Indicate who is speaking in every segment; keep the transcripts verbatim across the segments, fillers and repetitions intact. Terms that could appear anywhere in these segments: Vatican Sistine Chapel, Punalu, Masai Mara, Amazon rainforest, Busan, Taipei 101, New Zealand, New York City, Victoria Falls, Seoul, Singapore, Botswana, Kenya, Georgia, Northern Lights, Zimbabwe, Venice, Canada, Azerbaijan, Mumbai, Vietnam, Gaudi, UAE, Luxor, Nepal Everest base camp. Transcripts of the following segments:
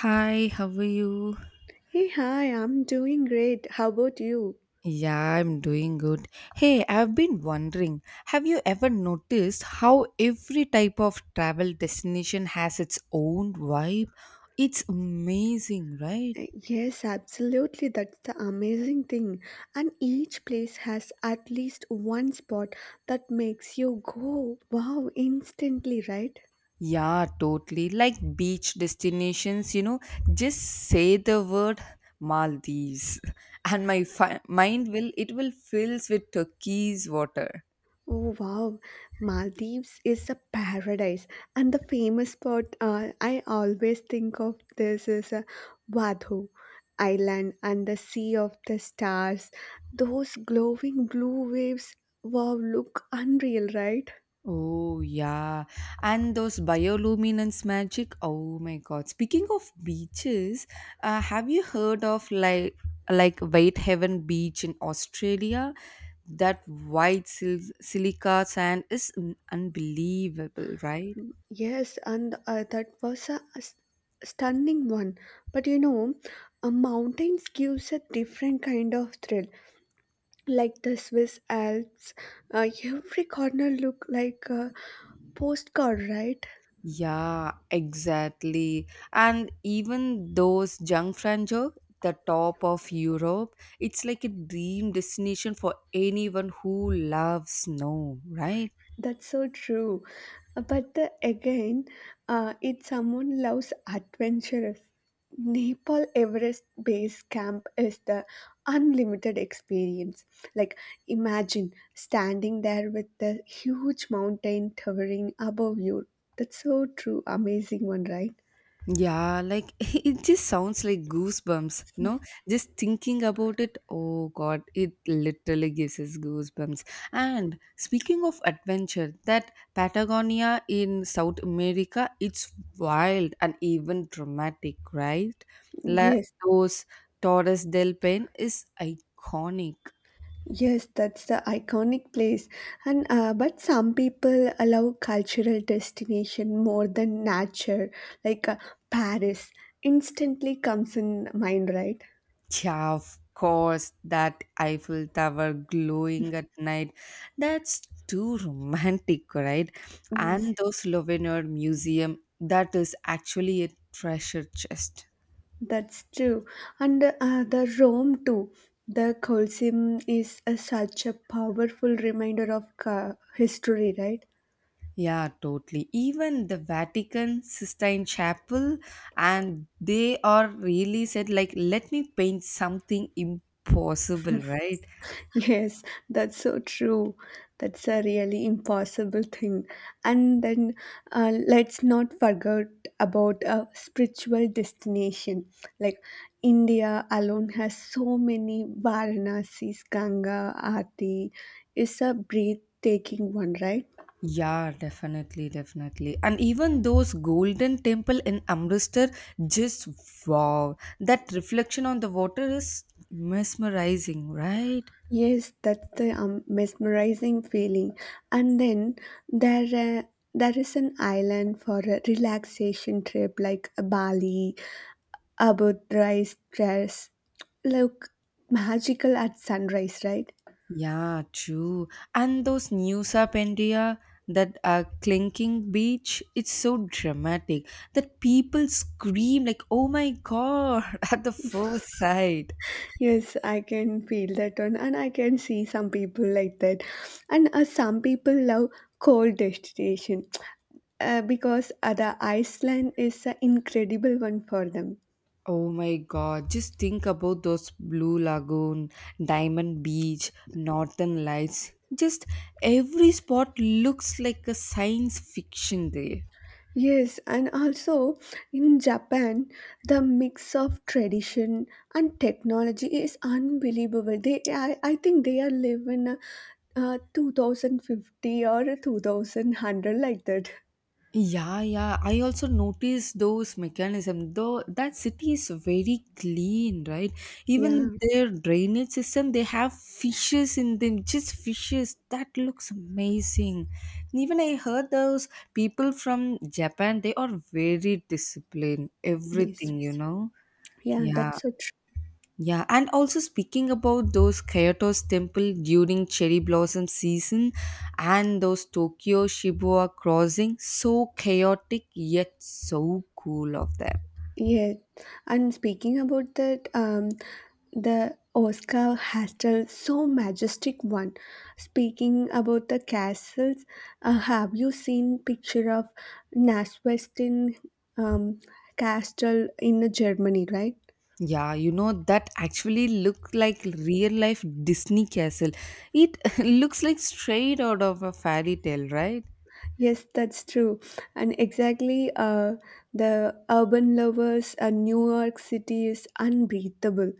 Speaker 1: Hi, how are you?
Speaker 2: Hey, hi, I'm doing great. How about you?
Speaker 1: Yeah, I'm doing good. Hey, I've been wondering, have you ever noticed how every type of travel destination has its own vibe? It's amazing, right?
Speaker 2: Uh, Yes, absolutely. That's the amazing thing. And each place has at least one spot that makes you go, wow, instantly, right?
Speaker 1: Yeah, totally. Like beach destinations, you know, just say the word Maldives and my fi- mind will it will fills with turquoise water.
Speaker 2: Oh, wow. Maldives is a paradise. And the famous spot uh, I always think of this is uh, Vadhu Island and the Sea of the Stars. Those glowing blue waves, wow, look unreal, right?
Speaker 1: Oh, yeah. And those bioluminance magic. Oh my God. Speaking of beaches, uh, have you heard of like like White Heaven Beach in Australia? That white sil- silica sand is un- unbelievable, right?
Speaker 2: Yes, and uh, that was a s- stunning one. But you know, uh, mountains gives a different kind of thrill. Like the Swiss Alps, uh, every corner look like a postcard, right?
Speaker 1: Yeah, exactly. And even those Jungfraujoch, the top of Europe, it's like a dream destination for anyone who loves snow, right?
Speaker 2: That's so true. Uh, But the, again, uh, if someone loves adventurous, Nepal Everest base camp is the unlimited experience. Like, imagine standing there with the huge mountain towering above you. That's so true. Amazing one, right?
Speaker 1: Yeah, like it just sounds like goosebumps, no? Just thinking about it, oh god, it literally gives us goosebumps. And speaking of adventure, that Patagonia in South America, it's wild and even dramatic, right? La
Speaker 2: Yes.
Speaker 1: Dos Torres del Paine is iconic.
Speaker 2: Yes, that's the iconic place. And uh, but some people allow cultural destination more than nature, like uh, Paris instantly comes in mind, right?
Speaker 1: Yeah, of course, that Eiffel Tower glowing at night. That's too romantic, right?
Speaker 2: Yes,
Speaker 1: And those Souvenir Museum, that is actually a treasure chest.
Speaker 2: that's true. And uh, the Rome too. The Colosseum is a, such a powerful reminder of uh, history, right?
Speaker 1: Yeah, totally. Even the Vatican Sistine Chapel, and they are really said, like, let me paint something impossible, right?
Speaker 2: Yes, that's so true. That's a really impossible thing. And then uh, let's not forget about a spiritual destination. Like India alone has so many Varanasis, Ganga, Aarti. It's a breathtaking one, right?
Speaker 1: Yeah, definitely, definitely. And even those golden temple in Amritsar, just wow. That reflection on the water is mesmerizing, right?
Speaker 2: Yes, that's the um, mesmerizing feeling. And then there, uh, there is an island for a relaxation trip like Bali about rice dress look magical at sunrise, right?
Speaker 1: Yeah, true. And those news up India, that uh, clinking beach, it's so dramatic that people scream like, oh my God, at the first sight.
Speaker 2: Yes, I can feel that one, and I can see some people like that. And uh, some people love cold destination uh, because uh, the Iceland is an incredible one for them.
Speaker 1: Oh my god, just think about those Blue Lagoon, Diamond Beach, Northern Lights. Just every spot looks like a science fiction there.
Speaker 2: Yes, and also in Japan, the mix of tradition and technology is unbelievable. They, I, I think they are living uh, uh, twenty fifty or two thousand one hundred like that.
Speaker 1: Yeah, yeah. I also noticed those mechanism. Though that city is very clean, right? Even
Speaker 2: Yeah,
Speaker 1: their drainage system, they have fishes in them, just fishes. That looks amazing. And even I heard those people from Japan, they are very disciplined.
Speaker 2: yes.
Speaker 1: Everything, you know.
Speaker 2: Yeah,
Speaker 1: Yeah.
Speaker 2: that's so true.
Speaker 1: Yeah, and also speaking about those Kyoto's temple during cherry blossom season and those Tokyo Shibuya crossing, so chaotic yet so cool of them.
Speaker 2: Yeah. And speaking about that, um, the Oscar Hastell, so majestic one. Speaking about the castles, uh, have you seen picture of Naswestin um, Castle in Germany, right?
Speaker 1: Yeah, you know that actually look like real life Disney castle. It looks like straight out of a fairy tale, right?
Speaker 2: Yes, that's true. And exactly, uh, the urban lovers, uh, New York City is unbreathable.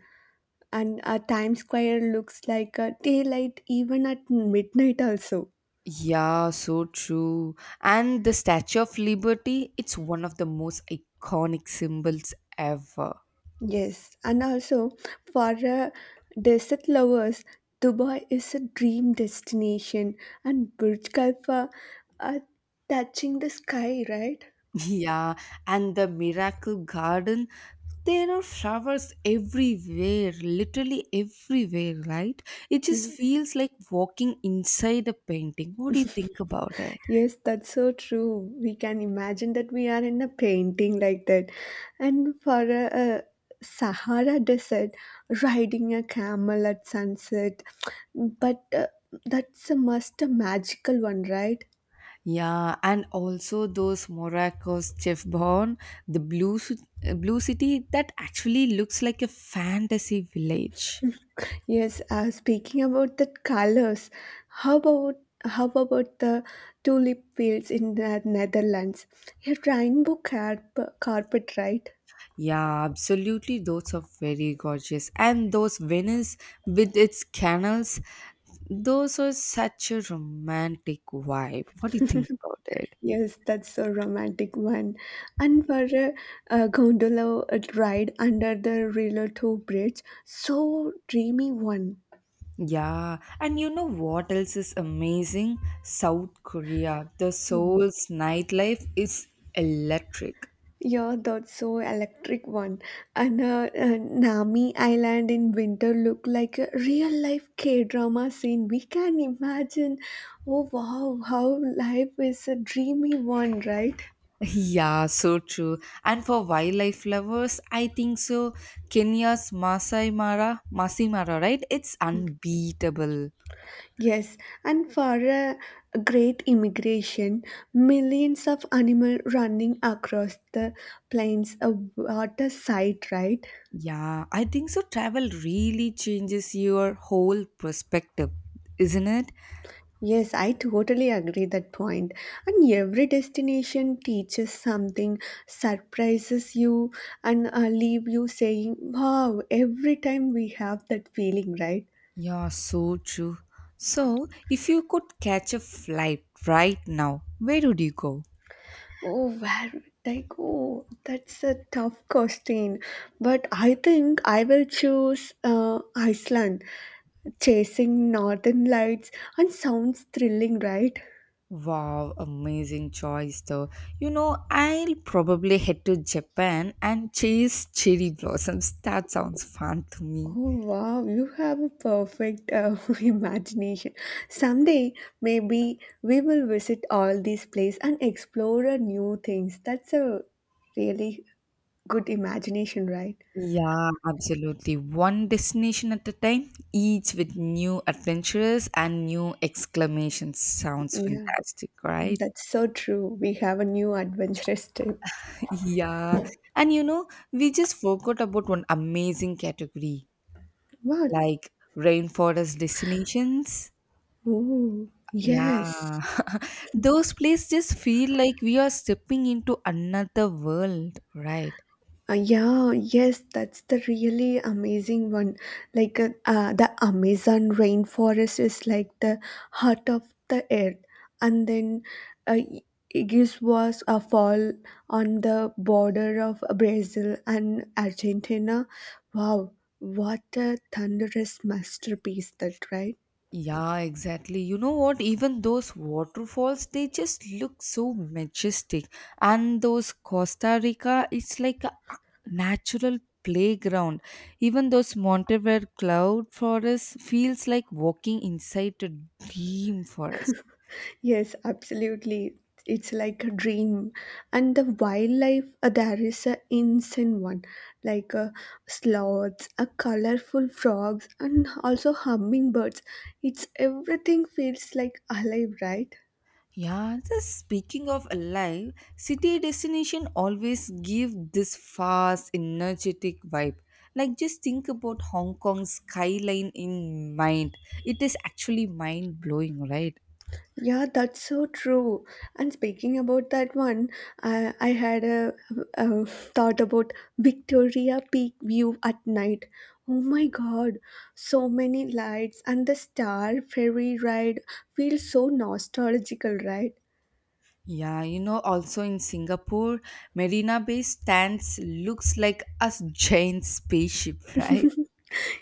Speaker 2: And uh, Times Square looks like a daylight even at midnight also.
Speaker 1: Yeah, so true. And the Statue of Liberty, it's one of the most iconic symbols ever.
Speaker 2: Yes, and also for uh, desert lovers, Dubai is a dream destination, and Burj Khalifa are touching the sky, right?
Speaker 1: Yeah, and the miracle garden, there are flowers everywhere, literally everywhere, right? It
Speaker 2: Yeah.
Speaker 1: just feels like walking inside a painting. What do you think about it?
Speaker 2: Yes, that's so true. We can imagine that we are in a painting like that. And for a, a Sahara desert, riding a camel at sunset, but uh, that's a must, a magical one, right?
Speaker 1: Yeah, and also those Morocco's Chef Bon, the blue, ci- uh, blue city that actually looks like a fantasy village.
Speaker 2: Yes, uh, speaking about the colors, how about how about the tulip fields in the Netherlands? A rainbow carp- carpet, right?
Speaker 1: Yeah, absolutely. Those are very gorgeous. And those Venice with its canals, those are such a romantic vibe. What do you think about it?
Speaker 2: Yes, that's a romantic one. And for a, a gondola ride under the Rio two bridge, so dreamy one.
Speaker 1: Yeah, and you know what else is amazing? South Korea. The Seoul's nightlife is electric.
Speaker 2: Yeah, that's so electric one. And uh, uh, Nami Island in winter look like a real life K drama scene. We can imagine. Oh wow, how life is a dreamy one, right?
Speaker 1: Yeah, so true. And for wildlife lovers, I think so. Kenya's Masai Mara, Masai Mara, right? It's unbeatable.
Speaker 2: Yes, and for a great immigration, millions of animal running across the plains, a water site, right?
Speaker 1: Yeah, I think so. Travel really changes your whole perspective, isn't it?
Speaker 2: Yes, I totally agree that point. And every destination teaches something, surprises you, and uh, leave you saying, "Wow!" Every time we have that feeling, right?
Speaker 1: Yeah, so true. So, if you could catch a flight right now, where would you go?
Speaker 2: Oh, where would I go? That's a tough question, but I think I will choose uh, Iceland. Chasing northern lights and sounds thrilling, right?
Speaker 1: Wow, amazing choice though. You know, I'll probably head to Japan and chase cherry blossoms. That sounds fun to me.
Speaker 2: Oh wow, you have a perfect uh, imagination. Someday, maybe we will visit all these places and explore uh, new things. That's a really good imagination, right?
Speaker 1: Yeah, absolutely. One destination at a time, each with new adventures and new exclamations. Sounds
Speaker 2: Yeah,
Speaker 1: fantastic, right?
Speaker 2: that's so true. We have a new adventurous trip.
Speaker 1: Yeah. And you know, we just forgot about one amazing category
Speaker 2: What?
Speaker 1: like rainforest destinations.
Speaker 2: Oh, yes.
Speaker 1: Yeah. Those places just feel like we are stepping into another world, right?
Speaker 2: Uh, yeah, yes, that's the really amazing one. Like uh, uh, the Amazon rainforest is like the heart of the earth, and then uh, Igis was a fall on the border of Brazil and Argentina. Wow, what a thunderous masterpiece that, right?
Speaker 1: Yeah, exactly. You know what? Even those waterfalls, they just look so majestic. And those Costa Rica, it's like a natural playground. Even those Monteverde cloud forest feels like walking inside a dream forest.
Speaker 2: Yes, absolutely. It's like a dream. And the wildlife, uh, there is a insane one, like uh, sloths, a colorful frogs, and also hummingbirds. It's everything feels like alive, right?
Speaker 1: Yeah, just speaking of alive, city destination always give this fast, energetic vibe. Like just think about Hong Kong's skyline in mind. It is actually mind blowing, right?
Speaker 2: Yeah, that's so true. And speaking about that one, I, I had a, a thought about Victoria Peak view at night. Oh my god, so many lights, and the star ferry ride feels so nostalgical, right?
Speaker 1: Yeah, you know, also in Singapore, Marina Bay stands looks like a giant spaceship, right?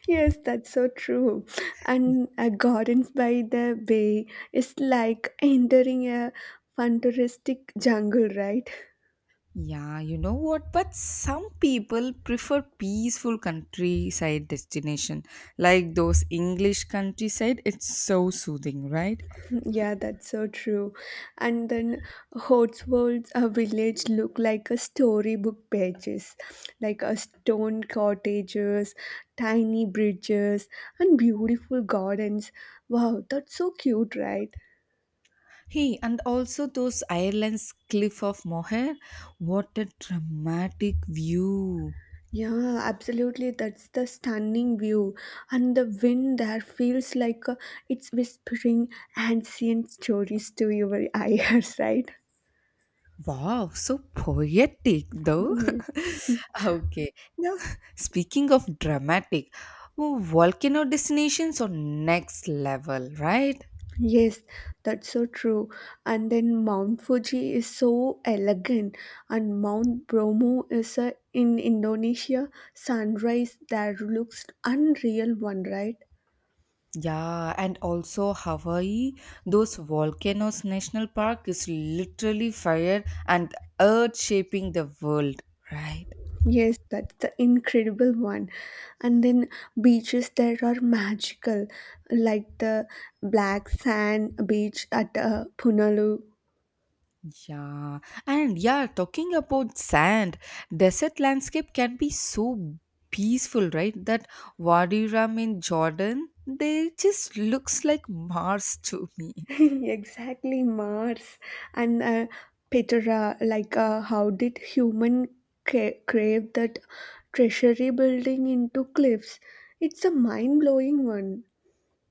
Speaker 2: Yes, that's so true. And uh, Gardens by the Bay is like entering a futuristic jungle, right?
Speaker 1: Yeah, you know what? But some people prefer peaceful countryside destination. Like those English countryside, it's so soothing, right?
Speaker 2: Yeah, that's so true. And then Hotswold's uh, village look like a storybook pages, like a stone cottages, tiny bridges, and beautiful gardens. Wow, that's so cute, right?
Speaker 1: Hey, and also those Ireland's cliff of Moher. What a dramatic view.
Speaker 2: Yeah, absolutely. That's the stunning view, and the wind there feels like uh, it's whispering ancient stories to your ears, right?
Speaker 1: Wow, so poetic though. Okay. Now, speaking of dramatic, oh, volcano destinations are next level, right?
Speaker 2: Yes, that's so true. And then Mount Fuji is so elegant, and Mount Bromo is a, in Indonesia. Sunrise there looks unreal, one right?
Speaker 1: Yeah, and also Hawaii, those volcanoes national park is literally fire and earth shaping the world, right?
Speaker 2: Yes, that's the incredible one. And then beaches there are magical, like the black sand beach at uh, Punalu.
Speaker 1: Yeah, and yeah, talking about sand, desert landscape can be so peaceful, right? That Wadi Rum in Jordan, they just looks like Mars to me.
Speaker 2: exactly Mars. And uh, Petra, like uh, how did human ca- crave that treasury building into cliffs. It's a mind-blowing one.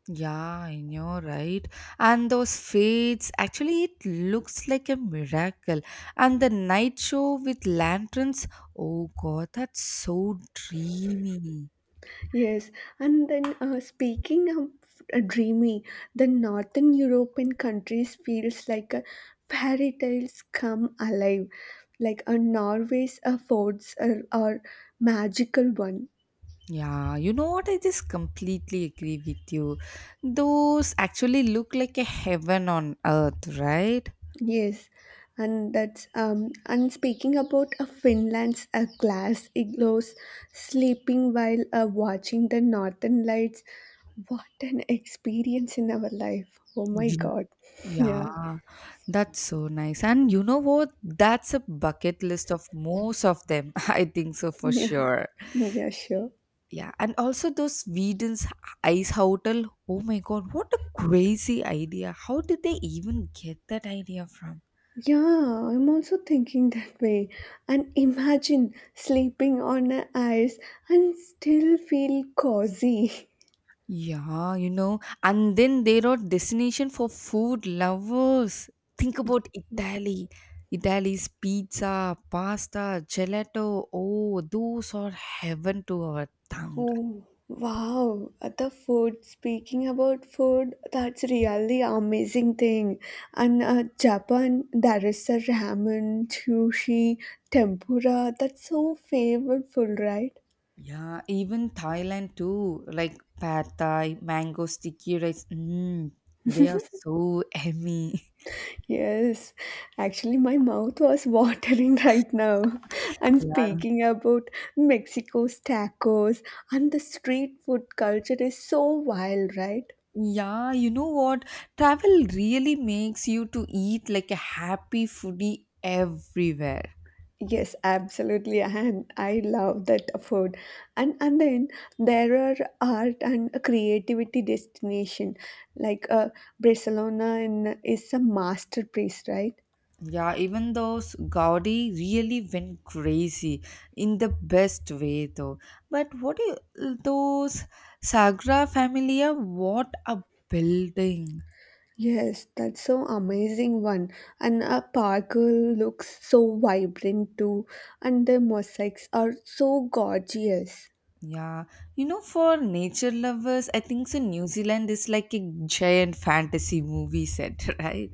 Speaker 1: Yeah, I know, right? And those fades, actually, it looks like a miracle. And the night show with lanterns, oh god, that's so dreamy.
Speaker 2: Yes. And then uh, speaking of uh, dreamy, the Northern European countries feels like a fairy tales come alive, like a Norway's uh, forts are, are magical one.
Speaker 1: Yeah, you know what? I just completely agree with you. Those actually look like a heaven on earth, right?
Speaker 2: Yes, and that's um and speaking about uh, Finland's uh, glass igloos, sleeping while uh, watching the northern lights. What an experience in our life! Oh my
Speaker 1: You-
Speaker 2: God!
Speaker 1: Yeah, that's so nice. And you know what? That's a bucket list of most of them. I think so for
Speaker 2: Yeah,
Speaker 1: sure.
Speaker 2: yeah, yeah, sure.
Speaker 1: Yeah, and also those Sweden's ice hotel. Oh my god, what a crazy idea. How did they even get that idea from?
Speaker 2: Yeah, I'm also thinking that way. And imagine sleeping on a ice and still feel cozy.
Speaker 1: Yeah, you know, and then they wrote destination for food lovers. Think about Italy. Italy's pizza, pasta, gelato. Oh, those are heaven to our tongue.
Speaker 2: Oh, wow. The food, speaking about food, that's really amazing thing. And uh, Japan, there is a ramen, sushi, tempura. That's so favorite food, right?
Speaker 1: Yeah, even Thailand too, like pad thai, mango sticky rice. Mm, they are so yummy.
Speaker 2: Yes. Actually, my mouth was watering right now. And
Speaker 1: Yeah,
Speaker 2: speaking about Mexico's tacos, and the street food culture is so wild, right?
Speaker 1: yeah, you know what? Travel really makes you to eat like a happy foodie everywhere.
Speaker 2: Yes, absolutely, and I love that food. And and then there are art and creativity destination, like uh, Barcelona in, is a masterpiece, right?
Speaker 1: Yeah, even those Gaudi really went crazy in the best way though. But what i- those Sagra Familia, what a building.
Speaker 2: Yes, that's so amazing one. And a park looks so vibrant too, and the mosaics are so gorgeous.
Speaker 1: Yeah, you know, for nature lovers, I think so New Zealand is like a giant fantasy movie set, right?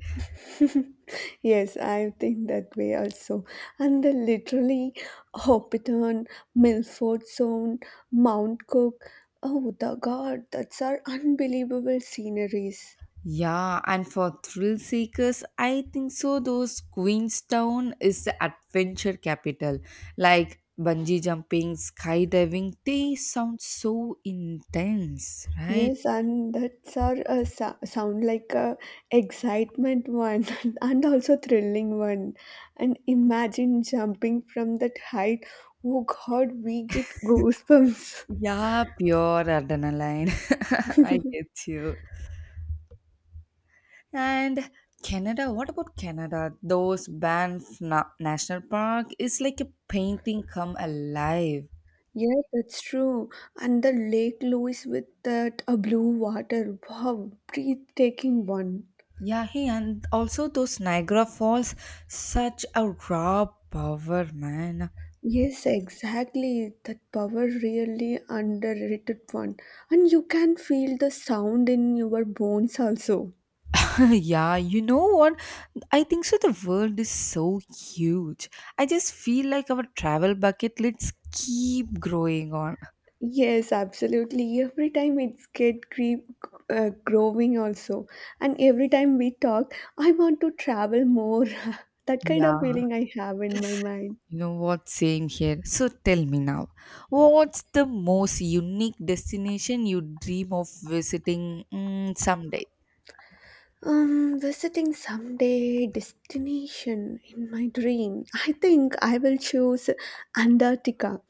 Speaker 2: Yes, I think that way also. And the literally Hoppiton, Milford Sound, Mount Cook. Oh, the God, that's our unbelievable sceneries.
Speaker 1: Yeah, and for thrill seekers, I think so. Those Queenstown is the adventure capital. Like bungee jumping, skydiving, they sound so intense, right?
Speaker 2: Yes, and that's our uh, so- sound like a excitement one and also thrilling one. And imagine jumping from that height. Oh God, we get goosebumps.
Speaker 1: Yeah, pure adrenaline. I get you. And Canada, what about Canada? Those Banff Na- National Park is like a painting come alive.
Speaker 2: Yeah, that's true. And the Lake Louise with that uh, blue water. Wow, breathtaking one.
Speaker 1: Yeah, he and also those Niagara Falls, such a raw power, man.
Speaker 2: Yes, exactly. That power really underrated one. And you can feel the sound in your bones also.
Speaker 1: Yeah, you know what? I think so. The world is so huge. I just feel like our travel bucket lists keep growing on.
Speaker 2: Yes, absolutely. Every time it's get creep uh, growing also. And every time we talk, I want to travel more. that kind of
Speaker 1: Yeah,
Speaker 2: feeling I have in my mind.
Speaker 1: you know what? Same here. So tell me now, what's the most unique destination you dream of visiting mm, someday?
Speaker 2: Um, visiting someday destination in my dream. I think I will choose Antarctica.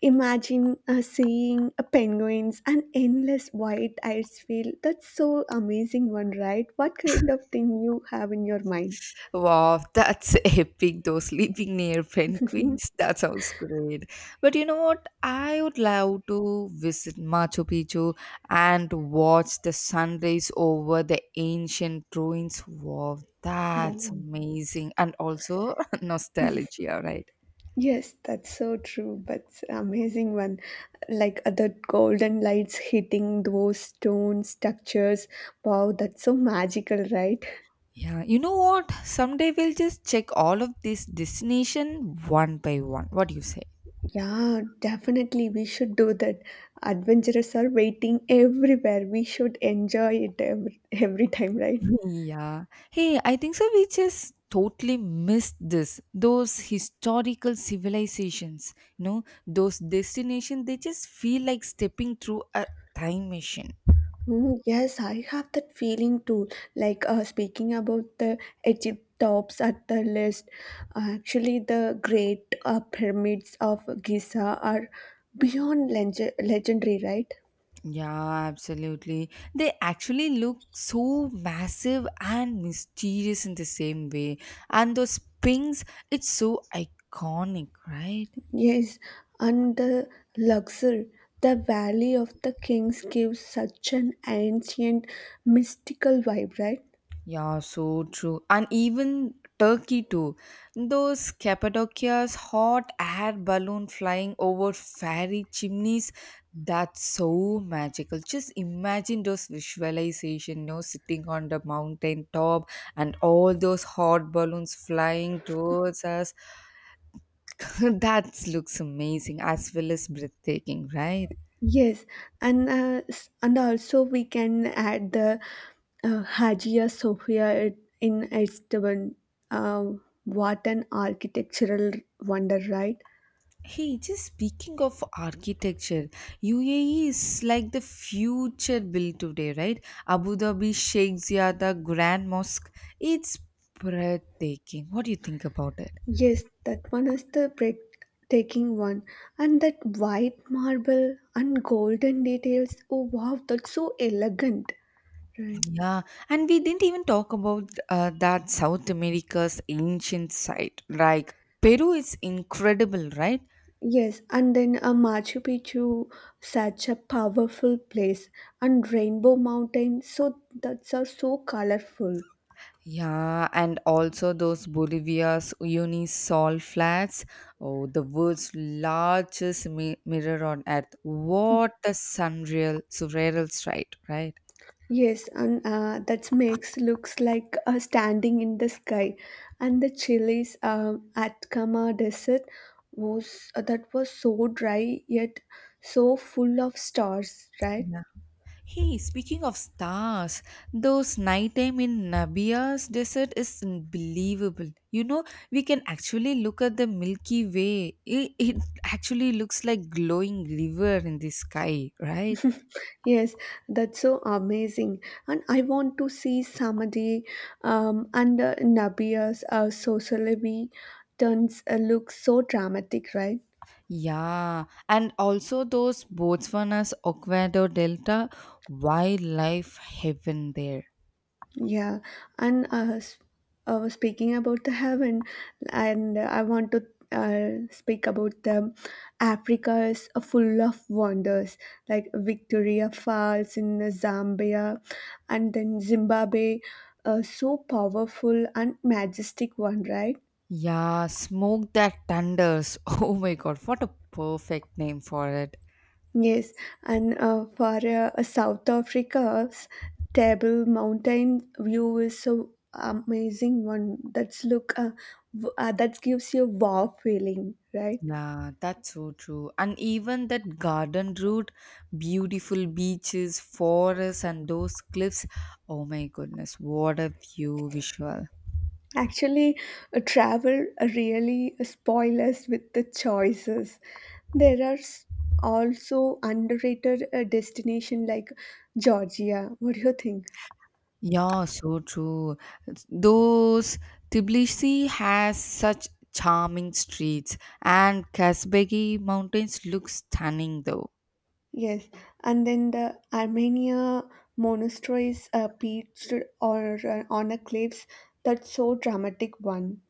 Speaker 2: Imagine uh, seeing uh, penguins and endless white ice field. That's so amazing one, right? What kind of thing you have in your mind?
Speaker 1: Wow, that's epic, though. Sleeping near
Speaker 2: Mhm.
Speaker 1: penguins, that sounds great. But you know what? I would love to visit Machu Picchu and watch the sunrise over the ancient ruins. Wow, that's
Speaker 2: Wow.
Speaker 1: amazing. And also nostalgia, right?
Speaker 2: Yes, that's so true. But amazing one, like uh, the golden lights hitting those stone structures. Wow, that's so magical, right?
Speaker 1: Yeah, you know what? Someday we'll just check all of this destination one by one. What do you say?
Speaker 2: Yeah, definitely we should do that. Adventurers are waiting everywhere. We should enjoy it every, every time, right?
Speaker 1: Yeah. Hey, I think so. We just totally missed this. Those historical civilizations, you know, those destinations, they just feel like stepping through a time machine.
Speaker 2: Mm, yes, I have that feeling too. Like uh, speaking about the Egypt tops at the list, actually the great uh, pyramids of Giza are beyond leg- legendary, right?
Speaker 1: Yeah, absolutely. They actually look so massive and mysterious in the same way. And those pings, it's so iconic, right?
Speaker 2: Yes, and the Luxor, the Valley of the Kings gives such an ancient mystical vibe, right?
Speaker 1: Yeah, so true. And even Turkey too. Those Cappadocia's hot air balloon flying over fairy chimneys, that's so magical. Just imagine those visualization, you know, sitting on the mountain top and all those hot balloons flying towards us. That looks amazing as well as breathtaking, right?
Speaker 2: Yes, and uh, s- and also we can add the uh, Hagia Sophia it- in Istanbul. Uh, what an architectural wonder, right?
Speaker 1: Hey, just speaking of architecture, U A E is like the future built today, right? Abu Dhabi Sheikh Zayed Grand Mosque. It's breathtaking. What do you think about it?
Speaker 2: Yes, that one is the breathtaking one, and that white marble and golden details. Oh wow, that's so elegant, right?
Speaker 1: Yeah, and we didn't even talk about uh, that South America's ancient site. Like Peru is incredible, right?
Speaker 2: Yes, and then uh, Machu Picchu, such a powerful place, and Rainbow Mountain. So that's are so colorful.
Speaker 1: Yeah, and also those Bolivia's Unisol flats. Oh, the world's largest mi- mirror on Earth. What a surreal, surreal sight, right?
Speaker 2: Yes, and uh, that makes looks like a standing in the sky, and the Chile's um, Atacama Desert was uh, that was so dry yet so full of stars, right?
Speaker 1: Yeah. Hey, speaking of stars, those nighttime in Nabia's desert is unbelievable. You know, we can actually look at the Milky Way. It, it actually looks like glowing river in the sky, right?
Speaker 2: Yes, that's so amazing, and I want to see Samadhi um, and uh, Nabia's uh, Sosolibi turns uh, look so dramatic, right?
Speaker 1: Yeah, and also those Botswana's Oquendo Delta wildlife heaven there.
Speaker 2: Yeah, and uh, s- uh, speaking about the heaven, and I want to uh, speak about the Africa is uh, full of wonders, like Victoria Falls in Zambia, and then Zimbabwe, uh, so powerful and majestic one, right?
Speaker 1: Yeah, smoke that thunders. Oh my god, what a perfect name for it.
Speaker 2: Yes, and uh, for uh, uh, South Africa's Table Mountain view is so amazing one. That's look, uh, w- uh, that gives you wow feeling, right?
Speaker 1: Yeah, that's so true. And even that garden route, beautiful beaches, forests, and those cliffs. Oh my goodness, what a view visual.
Speaker 2: Actually, uh, travel really spoil us with the choices. There are s- also underrated uh, destination like Georgia. What do you think?
Speaker 1: Yeah, so true. Those Tbilisi has such charming streets, and Kazbegi mountains look stunning though.
Speaker 2: Yes, and then the Armenia monasteries uh, perched or uh, on a cliffs. That's so dramatic one.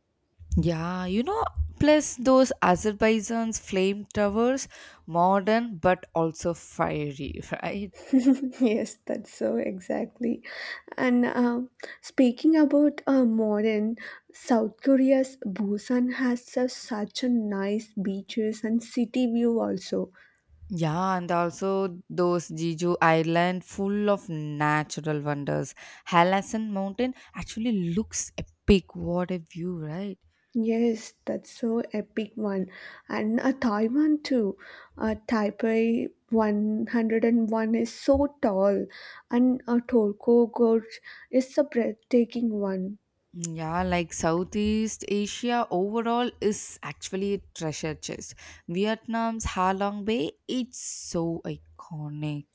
Speaker 1: Yeah, you know, plus those Azerbaijan's flame towers, modern but also fiery, right?
Speaker 2: yes, that's so exactly. And uh, speaking about uh, modern South Korea's Busan has uh, such a nice beaches and city view also.
Speaker 1: Yeah, and also those Jeju Island full of natural wonders. Halasan Mountain actually looks epic. What a view, right?
Speaker 2: Yes, that's so epic one. And a Thai one too. A Taipei one hundred one is so tall, and a Torco Gorge is a breathtaking one.
Speaker 1: Mm, yeah, like Southeast Asia overall is actually a treasure chest. Vietnam's Ha Long Bay, it's so iconic.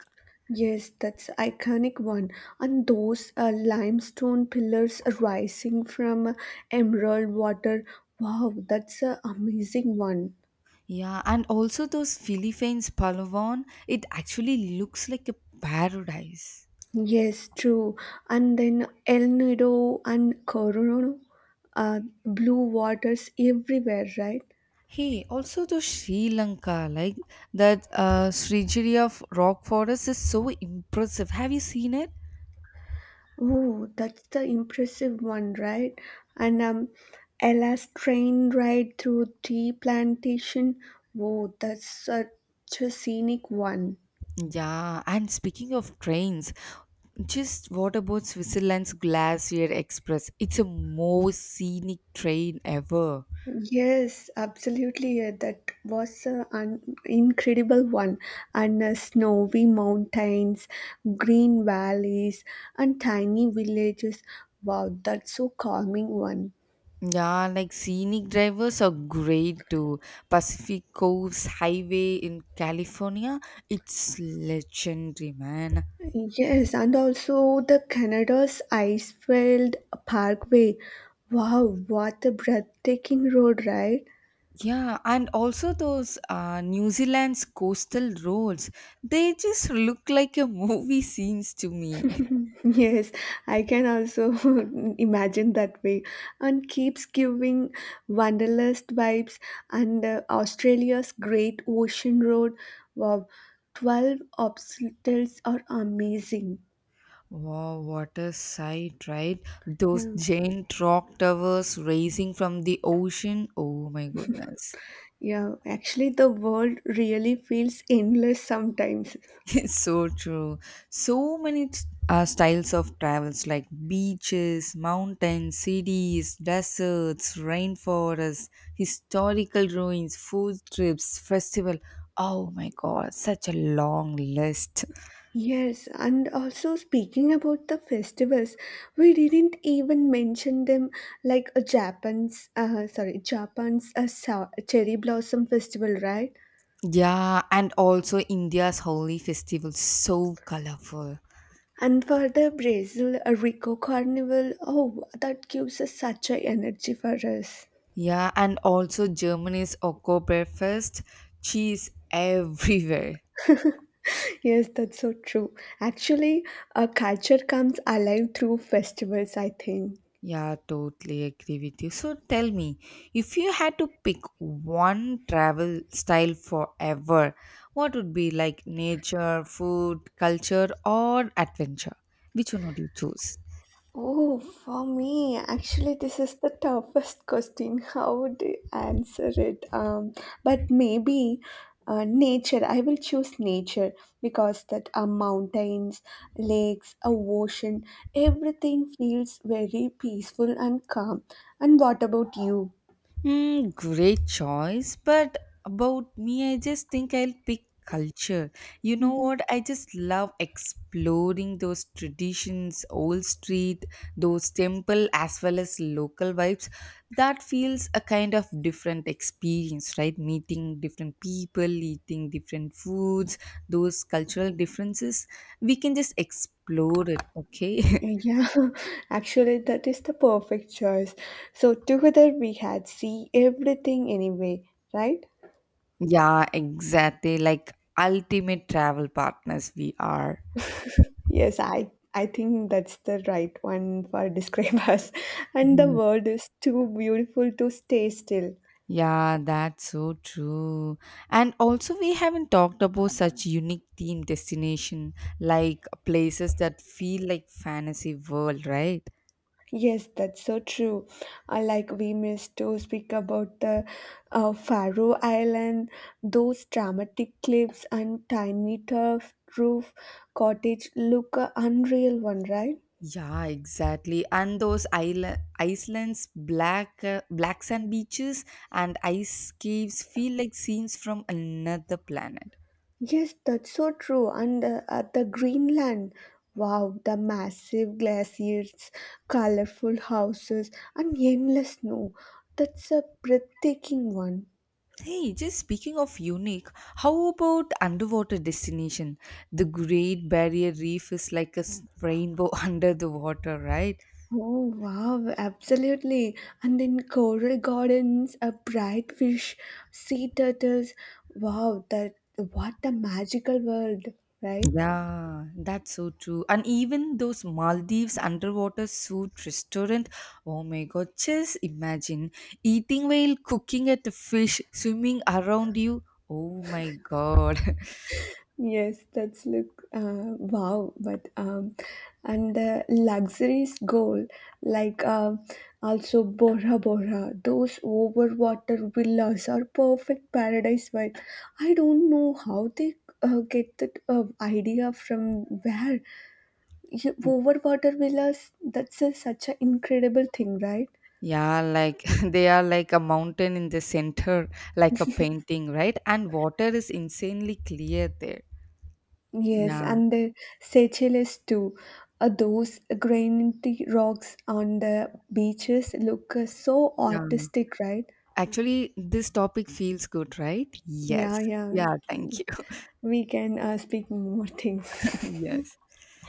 Speaker 2: Yes, that's iconic one. And those uh, limestone pillars rising from emerald water. Wow, that's an amazing one.
Speaker 1: Yeah, and also those Philippines Palawan, it actually looks like a paradise.
Speaker 2: Yes, true. And then El Nido and Corona, uh, blue waters everywhere, right?
Speaker 1: Hey, also to Sri Lanka, like that uh, Srigiria f- rock forest is so impressive. Have you seen it?
Speaker 2: Oh, that's the impressive one, right? And um, Ella's train ride through tea plantation. Oh, that's such a scenic one.
Speaker 1: Yeah, and speaking of trains, just what about Switzerland's Glacier Express? It's a most scenic train ever.
Speaker 2: Yes, absolutely. Yeah, that was uh, an incredible one. And uh, snowy mountains, green valleys, and tiny villages. Wow, that's so calming one.
Speaker 1: Yeah, like scenic drivers are great too. Pacific Coast Highway in California, it's legendary, man.
Speaker 2: Yes, and also the Canada's Icefield Parkway. Wow, what a breathtaking road, right?
Speaker 1: Yeah, and also those uh, New Zealand's coastal roads, they just look like a movie scenes to me.
Speaker 2: Yes, I can also imagine that way and keeps giving wanderlust vibes, and uh, Australia's Great Ocean Road. Wow, twelve obstacles are amazing.
Speaker 1: Wow, what a sight, right? Those
Speaker 2: Yeah.
Speaker 1: giant rock towers rising from the ocean. Oh my goodness.
Speaker 2: Yeah, actually the world really feels endless sometimes.
Speaker 1: It's so true. So many t- uh, styles of travels like beaches, mountains, cities, deserts, rainforests, historical ruins, food trips, festival. Oh my god, such a long list.
Speaker 2: Yes, and also speaking about the festivals, we didn't even mention them, like uh, Japan's, uh, sorry, Japan's uh, sa- cherry blossom festival, right?
Speaker 1: Yeah, and also India's holy festival, so colorful.
Speaker 2: And for the Brazil uh, Rico Carnival, oh, that gives us such a energy for us.
Speaker 1: Yeah, and also Germany's Oktoberfest cheese everywhere.
Speaker 2: Yes, that's so true. Actually, a culture comes alive through festivals, I think.
Speaker 1: Yeah, totally agree with you. So tell me, if you had to pick one travel style forever, what would be like nature, food, culture, or adventure? Which one would you choose?
Speaker 2: Oh, for me, actually, this is the toughest question. How would I answer it? Um, but maybe uh, nature. I will choose nature because that uh, mountains, lakes, a ocean, everything feels very peaceful and calm. And what about you?
Speaker 1: Mm, great choice. But about me, I just think I'll pick culture. You know
Speaker 2: Mhm.
Speaker 1: what? I just love exploring those traditions, old street, those temple, as well as local vibes. That feels a kind of different experience, right? Meeting different people, eating different foods, those cultural differences. We can just explore it, okay?
Speaker 2: Yeah, actually, that is the perfect choice. So together we had see everything anyway, right?
Speaker 1: Yeah, exactly. Like ultimate travel partners, we are.
Speaker 2: Yes, I I think that's the right one for describe us. And the
Speaker 1: Mhm.
Speaker 2: world is too beautiful to stay still.
Speaker 1: Yeah, that's so true. And also, we haven't talked about such unique theme destination like places that feel like fantasy world, right?
Speaker 2: Yes, that's so true. Uh, like we missed to speak about the uh, Faroe Island, those dramatic cliffs and tiny turf roof cottage look a unreal one, right?
Speaker 1: Yeah, exactly. And those island Iceland's black uh, black sand beaches and ice caves feel like scenes from another planet.
Speaker 2: Yes, that's so true. And uh, at the Greenland, wow, the massive glaciers, colorful houses, and endless snow. That's a breathtaking one.
Speaker 1: Hey, just speaking of unique, how about underwater destination? The Great Barrier Reef is like a s- rainbow under the water, right?
Speaker 2: Oh, wow, absolutely. And then coral gardens, a bright fish, sea turtles. Wow, that what a magical world, right?
Speaker 1: Yeah, that's so true. And even those Maldives underwater food restaurant, oh my god, just imagine eating while cooking at the fish swimming around you. Oh my god.
Speaker 2: Yes, that's look uh, wow, but um, and the luxuries goal like um also Bora Bora, those overwater villas are perfect paradise vibe. I don't know how they uh, get that uh, idea from where. You- overwater villas. That's a, such an incredible thing, right?
Speaker 1: Yeah, like they are like a mountain in the center, like a painting, right? And water is insanely clear there.
Speaker 2: Yes,
Speaker 1: Yeah,
Speaker 2: and the Seychelles too. Uh, those granite rocks on the beaches look uh, so
Speaker 1: yeah.
Speaker 2: artistic, right?
Speaker 1: Actually, this topic feels good, right? Yes.
Speaker 2: Yeah, yeah.
Speaker 1: Yeah, thank you.
Speaker 2: We can uh, speak more things.
Speaker 1: Yes.